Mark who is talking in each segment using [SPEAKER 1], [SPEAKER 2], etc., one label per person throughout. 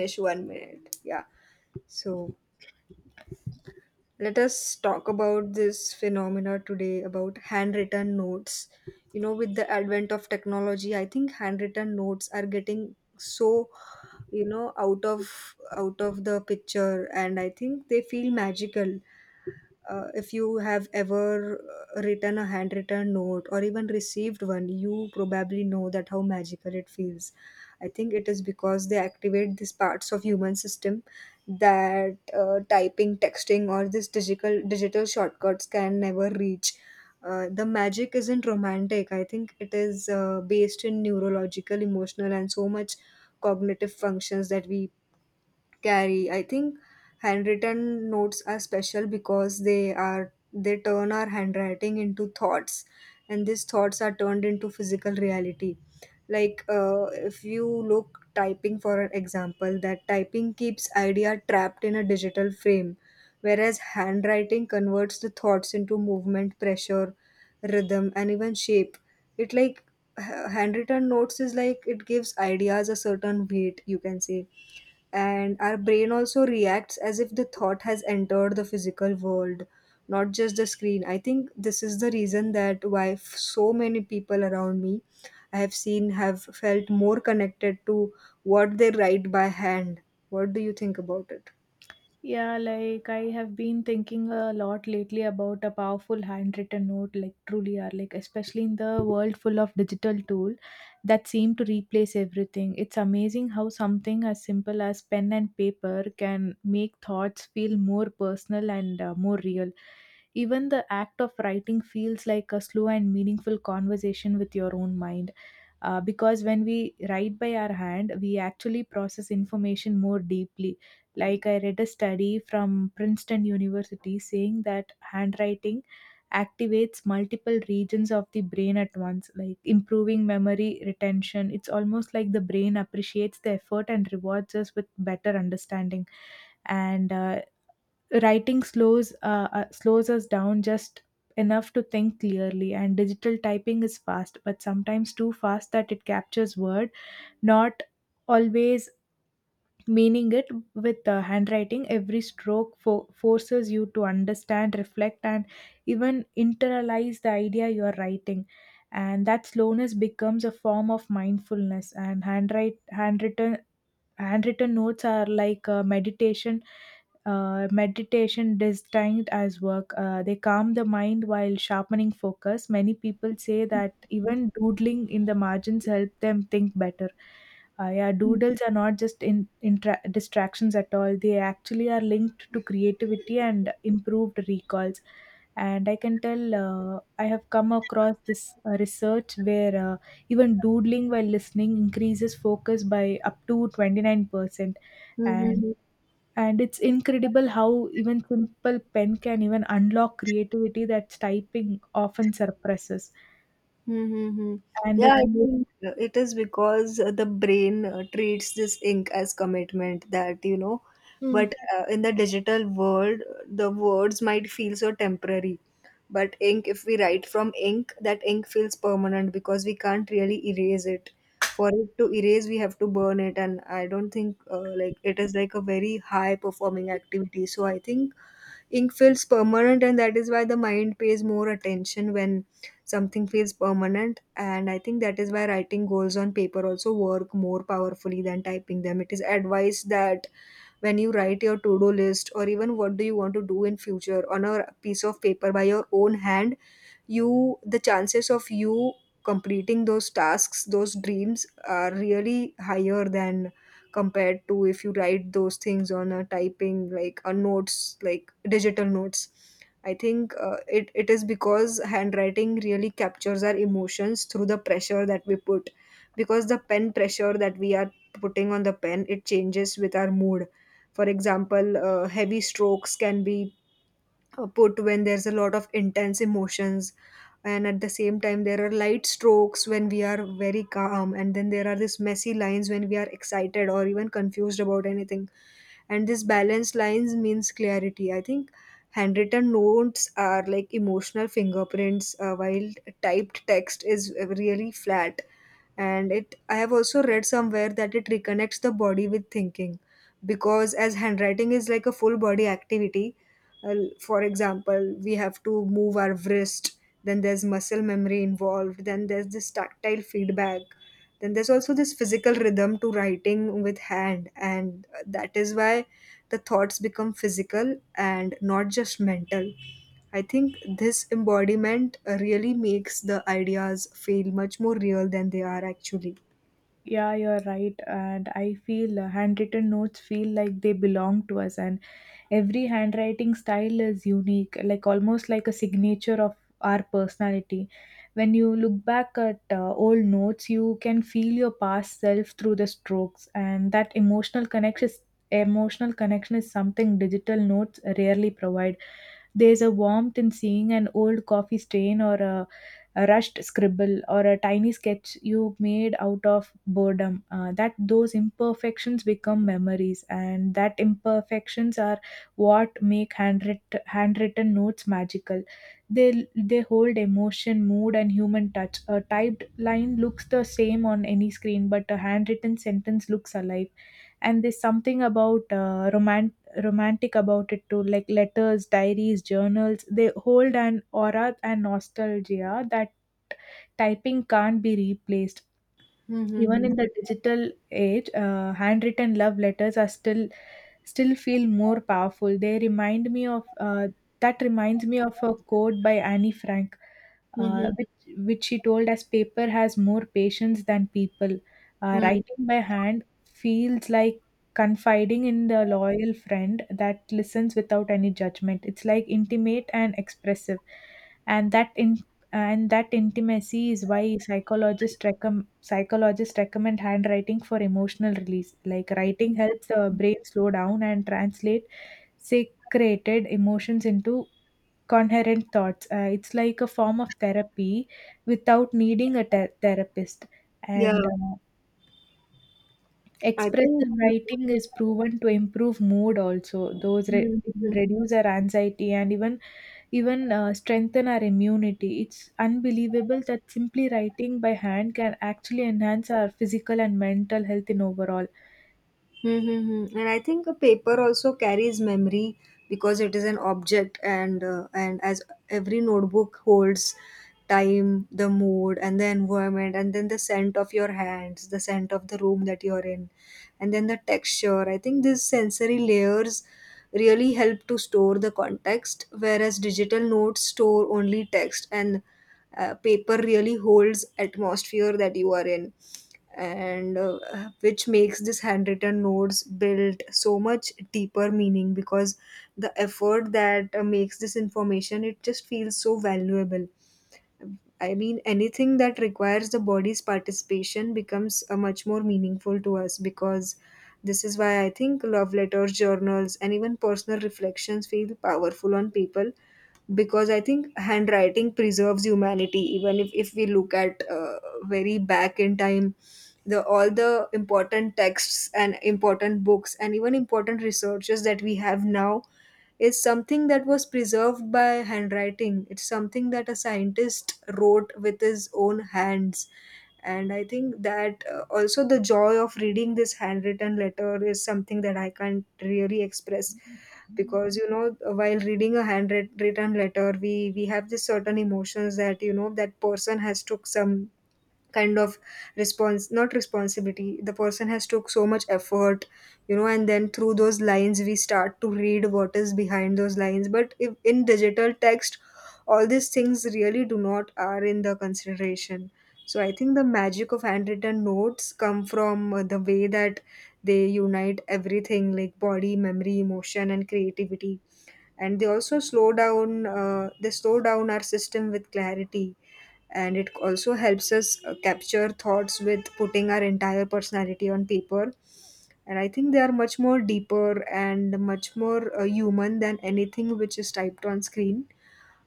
[SPEAKER 1] Finish 1 minute. Yeah. So let us talk about this phenomena today about handwritten notes. You know, with the advent of technology, I think handwritten notes are getting so, out of the picture, and I think they feel magical. If you have ever written a handwritten note or even received one, you probably know that how magical it feels. I think it is because they activate these parts of human system that typing, texting, or this digital shortcuts can never reach. The magic isn't romantic. I think it is based in neurological, emotional, and so much cognitive functions that we carry. I think handwritten notes are special because they turn our handwriting into thoughts, and these thoughts are turned into physical reality. Like, if you look typing for an example, that typing keeps idea trapped in a digital frame, whereas handwriting converts the thoughts into movement, pressure, rhythm, and even shape. It, like, handwritten notes is like it gives ideas a certain weight, you can say, and our brain also reacts as if the thought has entered the physical world, not just the screen. I think this is the reason that why, so many people around me I have seen have felt more connected to what they write by hand. What do you think about it?
[SPEAKER 2] Yeah, like I have been thinking a lot lately about a powerful handwritten note, like truly are, like especially in the world full of digital tool that seem to replace everything. It's amazing how something as simple as pen and paper can make thoughts feel more personal and more real. Even the act of writing feels like a slow and meaningful conversation with your own mind, because when we write by our hand we actually process information more deeply. Like I read a study from Princeton University saying that handwriting activates multiple regions of the brain at once, like improving memory retention. It's almost like the brain appreciates the effort and rewards us with better understanding. And Writing slows slows us down just enough to think clearly. And digital typing is fast, but sometimes too fast that it captures word, not always meaning it. With the handwriting, every stroke forces you to understand, reflect and even internalize the idea you are writing, and that slowness becomes a form of mindfulness. And handwrite handwritten handwritten notes are like meditation, meditation destined as work. They calm the mind while sharpening focus. Many people say that even doodling in the margins help them think better. Yeah, doodles are not just distractions at all. They actually are linked to creativity and improved recalls. And I can tell, I have come across this research where, even doodling while listening increases focus by up to 29%. And
[SPEAKER 1] Mm-hmm.
[SPEAKER 2] and it's incredible how even simple pen can even unlock creativity that typing often suppresses.
[SPEAKER 1] Mm-hmm.
[SPEAKER 2] And the
[SPEAKER 1] Yeah, I
[SPEAKER 2] creative.
[SPEAKER 1] think it is because the brain treats this ink as commitment that, you know, but in the digital world, the words might feel so temporary. But ink, if we write from ink, that ink feels permanent because we can't really erase it. For it to erase, we have to burn it, and I don't think like it is like a very high performing activity. So I think ink feels permanent, and that is why the mind pays more attention when something feels permanent. And I think that is why writing goals on paper also work more powerfully than typing them. It is advice that when you write your to-do list or even what do you want to do in future on a piece of paper by your own hand, you, the chances of you completing those tasks, those dreams, are really higher than compared to if you write those things on a typing, like a notes, like digital notes. I think it is because handwriting really captures our emotions through the pressure that we put, because the pen pressure that we are putting on the pen, it changes with our mood. For example, heavy strokes can be put when there's a lot of intense emotions, and at the same time there are light strokes when we are very calm, and then there are these messy lines when we are excited or even confused about anything. And this balanced lines means clarity. I think handwritten notes are like emotional fingerprints, while typed text is really flat. And it, I have also read somewhere that it reconnects the body with thinking, because as handwriting is like a full body activity. Well, for example, we have to move our wrist, then there's muscle memory involved, then there's this tactile feedback, then there's also this physical rhythm to writing with hand, and that is why the thoughts become physical and not just mental. I think this embodiment really makes the ideas feel much more real than they are actually.
[SPEAKER 2] Yeah, you're right. And I feel handwritten notes feel like they belong to us, and every handwriting style is unique, like almost like a signature of our personality. When you look back at old notes, you can feel your past self through the strokes, and that emotional connection is something digital notes rarely provide. There's a warmth in seeing an old coffee stain or a rushed scribble or a tiny sketch you made out of boredom, that those imperfections become memories, and that imperfections are what make handwritten notes magical. They hold emotion, mood and human touch. A typed line looks the same on any screen, but a handwritten sentence looks alive. And there's something about, uh, romantic about it too, like letters, diaries, journals, they hold an aura and nostalgia that typing can't be replaced. Even
[SPEAKER 1] Mm-hmm.
[SPEAKER 2] in the digital age, handwritten love letters are still feel more powerful. They remind me of, that reminds me of a quote by Annie Frank, uh,
[SPEAKER 1] Mm-hmm.
[SPEAKER 2] which which she told us: "Paper has more patience than people. Writing by hand feels like" confiding in the loyal friend that listens without any judgment. It's like intimate and expressive. And that and that intimacy is why psychologists recommend handwriting for emotional release. Like writing helps the brain slow down and translate secreted emotions into coherent thoughts. It's like a form of therapy without needing a therapist.
[SPEAKER 1] Yeah,
[SPEAKER 2] And
[SPEAKER 1] I think.
[SPEAKER 2] Expressive writing is proven to improve mood. Also it will
[SPEAKER 1] Mhm.
[SPEAKER 2] reduce our anxiety and even strengthen our immunity. It's unbelievable that simply writing by hand can actually enhance our physical and mental health in overall.
[SPEAKER 1] Mm-hmm. And I think a paper also carries memory, because it is an object, and as every notebook holds time, the mood, and the environment, and then the scent of your hands, the scent of the room that you're in, and then the texture. I think these sensory layers really help to store the context, whereas digital notes store only text, and paper really holds atmosphere that you are in. And Which makes this handwritten notes build so much deeper meaning, because the effort that makes this information, it just feels so valuable. I mean, anything that requires the body's participation becomes much more meaningful to us. Because this is why I think love letters, journals, and even personal reflections feel powerful on people, because I think handwriting preserves humanity. Even if we look at very back in time, the all the important texts and important books and even important researches that we have now is something that was preserved by handwriting. It's something that a scientist wrote with his own hands. And I think that also the joy of reading this handwritten letter is something that I can't really express, because you know, while reading a handwritten letter, we have this certain emotions that, you know, that person has took some kind of response, not responsibility, the person has took so much effort, you know. And then through those lines we start to read what is behind those lines, but if in digital text, all these things really do not are in the consideration. So I think the magic of handwritten notes come from the way that they unite everything, like body, memory, emotion, and creativity. And they also slow down, our system with clarity. And it also helps us capture thoughts with putting our entire personality on paper. And I think they are much more deeper and much more human than anything which is typed on screen.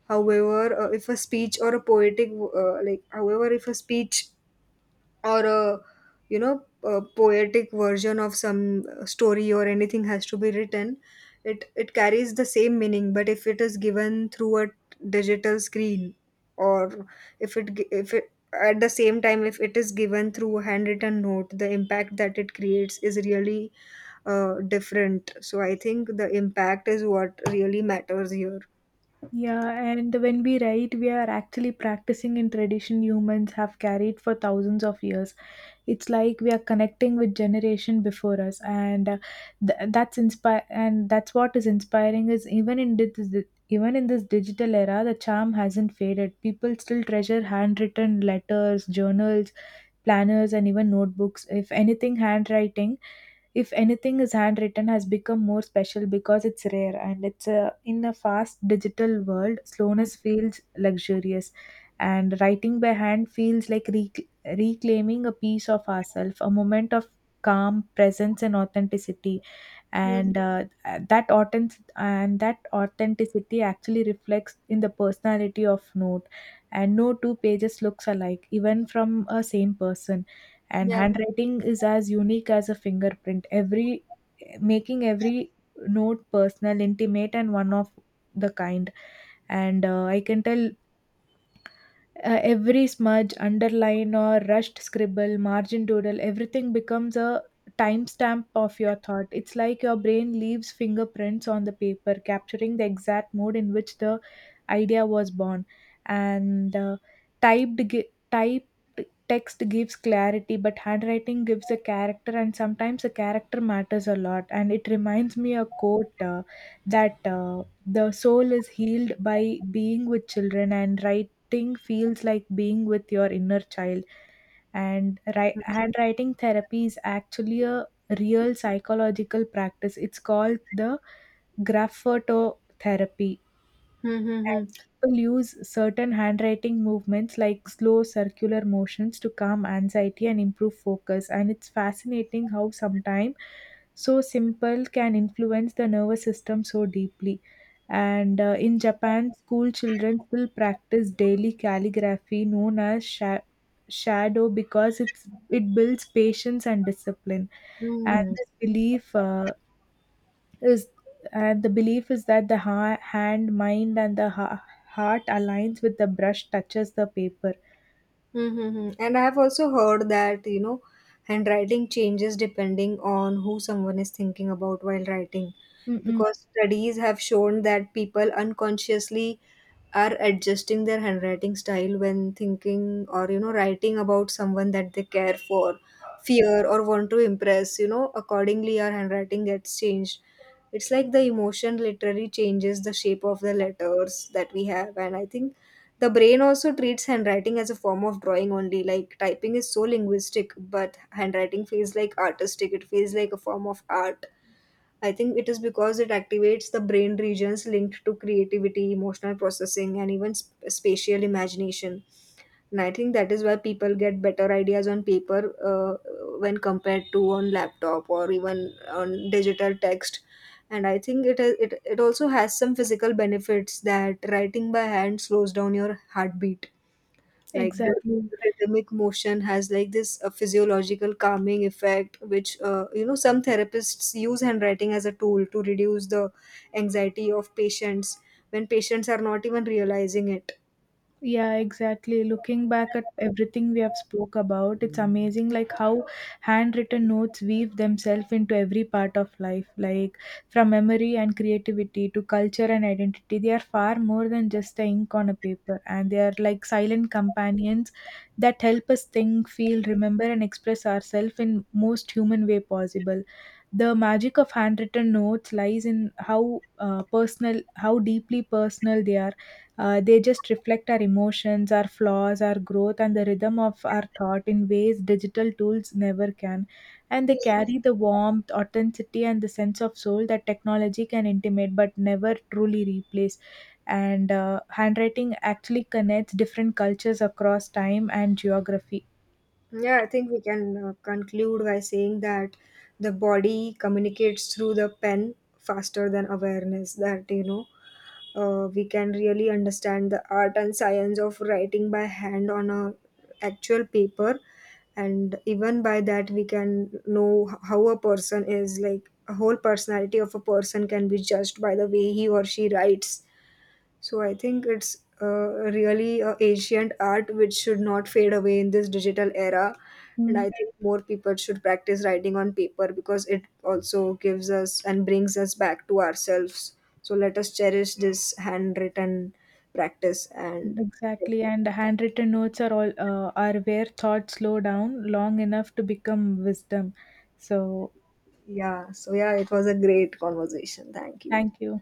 [SPEAKER 1] However, if a speech or a poetic like however, if a speech or a, you know, a poetic version of some, story or anything has to be written, it carries the same meaning. But if it is given through a digital screen, or if it gi- if it at the same time, if it is given through a handwritten note, the impact that it creates is really different. So I think the impact is what really matters here.
[SPEAKER 2] Yeah, and when we write, we are actually practicing in tradition humans have carried for thousands of years. It's like we are connecting with generation before us, and th- that's inspire and that's what is inspiring is even in this digital era, the charm hasn't faded. People still treasure handwritten letters, journals, planners and even notebooks. If anything handwriting, if anything is handwritten has become more special because it's rare, and it's a, in a fast digital world slowness feels luxurious. And writing by hand feels like reclaiming a piece of ourselves, a moment of calm, presence and authenticity.
[SPEAKER 1] Mm,
[SPEAKER 2] And uh, that authentic and that authenticity actually reflects in the personality of note, and no two pages looks alike even from a same person. And
[SPEAKER 1] yeah.
[SPEAKER 2] handwriting is as unique as a fingerprint, every making every note personal, intimate and one of the kind. And I can tell, every smudge, underline, or rushed scribble, margin doodle, everything becomes a timestamp of your thought. It's like your brain leaves fingerprints on the paper, capturing the exact mode in which the idea was born. And typed text gives clarity, but handwriting gives a character, and sometimes a character matters a lot. And it reminds me a quote, that the soul is healed by being with children, and writing thing feels like being with your inner child. And handwriting therapy is actually a real psychological practice. It's called the graphoto therapy. And
[SPEAKER 1] Mm-hmm.
[SPEAKER 2] people use certain handwriting movements like slow circular motions to calm anxiety and improve focus. And it's fascinating how sometimes so simple can influence the nervous system so deeply. And in Japan, school children still practice daily calligraphy known as shadow, because it builds patience and discipline. And this belief, is and the belief is that the hand, mind and the heart aligns with the brush touches the paper.
[SPEAKER 1] Mm-hmm. And I have also heard that, you know, handwriting changes depending on who someone is thinking about while writing,
[SPEAKER 2] Mm-mm,
[SPEAKER 1] because studies have shown that people unconsciously are adjusting their handwriting style when thinking or, you know, writing about someone that they care for, fear, or want to impress. You know, accordingly our handwriting gets changed. It's like the emotion literally changes the shape of the letters that we have. And I think the brain also treats handwriting as a form of drawing only, like typing is so linguistic, but handwriting feels like artistic. It feels like a form of art. I think it is because it activates the brain regions linked to creativity, emotional processing, and even spatial imagination. And I think that is why people get better ideas on paper when compared to on laptop or even on digital text. And I think it also has some physical benefits, that writing by hand slows down your heartbeat, like the
[SPEAKER 2] exactly.
[SPEAKER 1] rhythmic motion has like this physiological calming effect, which, you know, some therapists use handwriting as a tool to reduce the anxiety of patients when patients are not even realizing it.
[SPEAKER 2] Yeah, exactly. Looking back at everything we have spoke about, it's amazing like how handwritten notes weave themselves into every part of life, like from memory and creativity to culture and identity. They are far more than just the ink on a paper, and they are like silent companions that help us think, feel, remember, and express ourselves in most human way possible. The magic of handwritten notes lies in how how deeply personal they are. They just reflect our emotions, our flaws, our growth, and the rhythm of our thought in ways digital tools never can. And they carry the warmth, authenticity, and the sense of soul that technology can intimate but never truly replace. And handwriting actually connects different cultures across time and geography.
[SPEAKER 1] Yeah, I think we can conclude by saying that the body communicates through the pen faster than awareness. That, you know, we can really understand the art and science of writing by hand on a actual paper. And even by that we can know, how a person is, like a whole personality of a person can be judged by the way he or she writes. So I think it's really a ancient art which should not fade away in this digital era. And I
[SPEAKER 2] Mm,
[SPEAKER 1] think more people should practice writing on paper because it also gives us and brings us back to ourselves. So let us cherish this handwritten practice. And
[SPEAKER 2] exactly, and handwritten notes are all are where thoughts slow down long enough to become wisdom. So,
[SPEAKER 1] yeah, so yeah, it was a great conversation. Thank you.
[SPEAKER 2] thank you.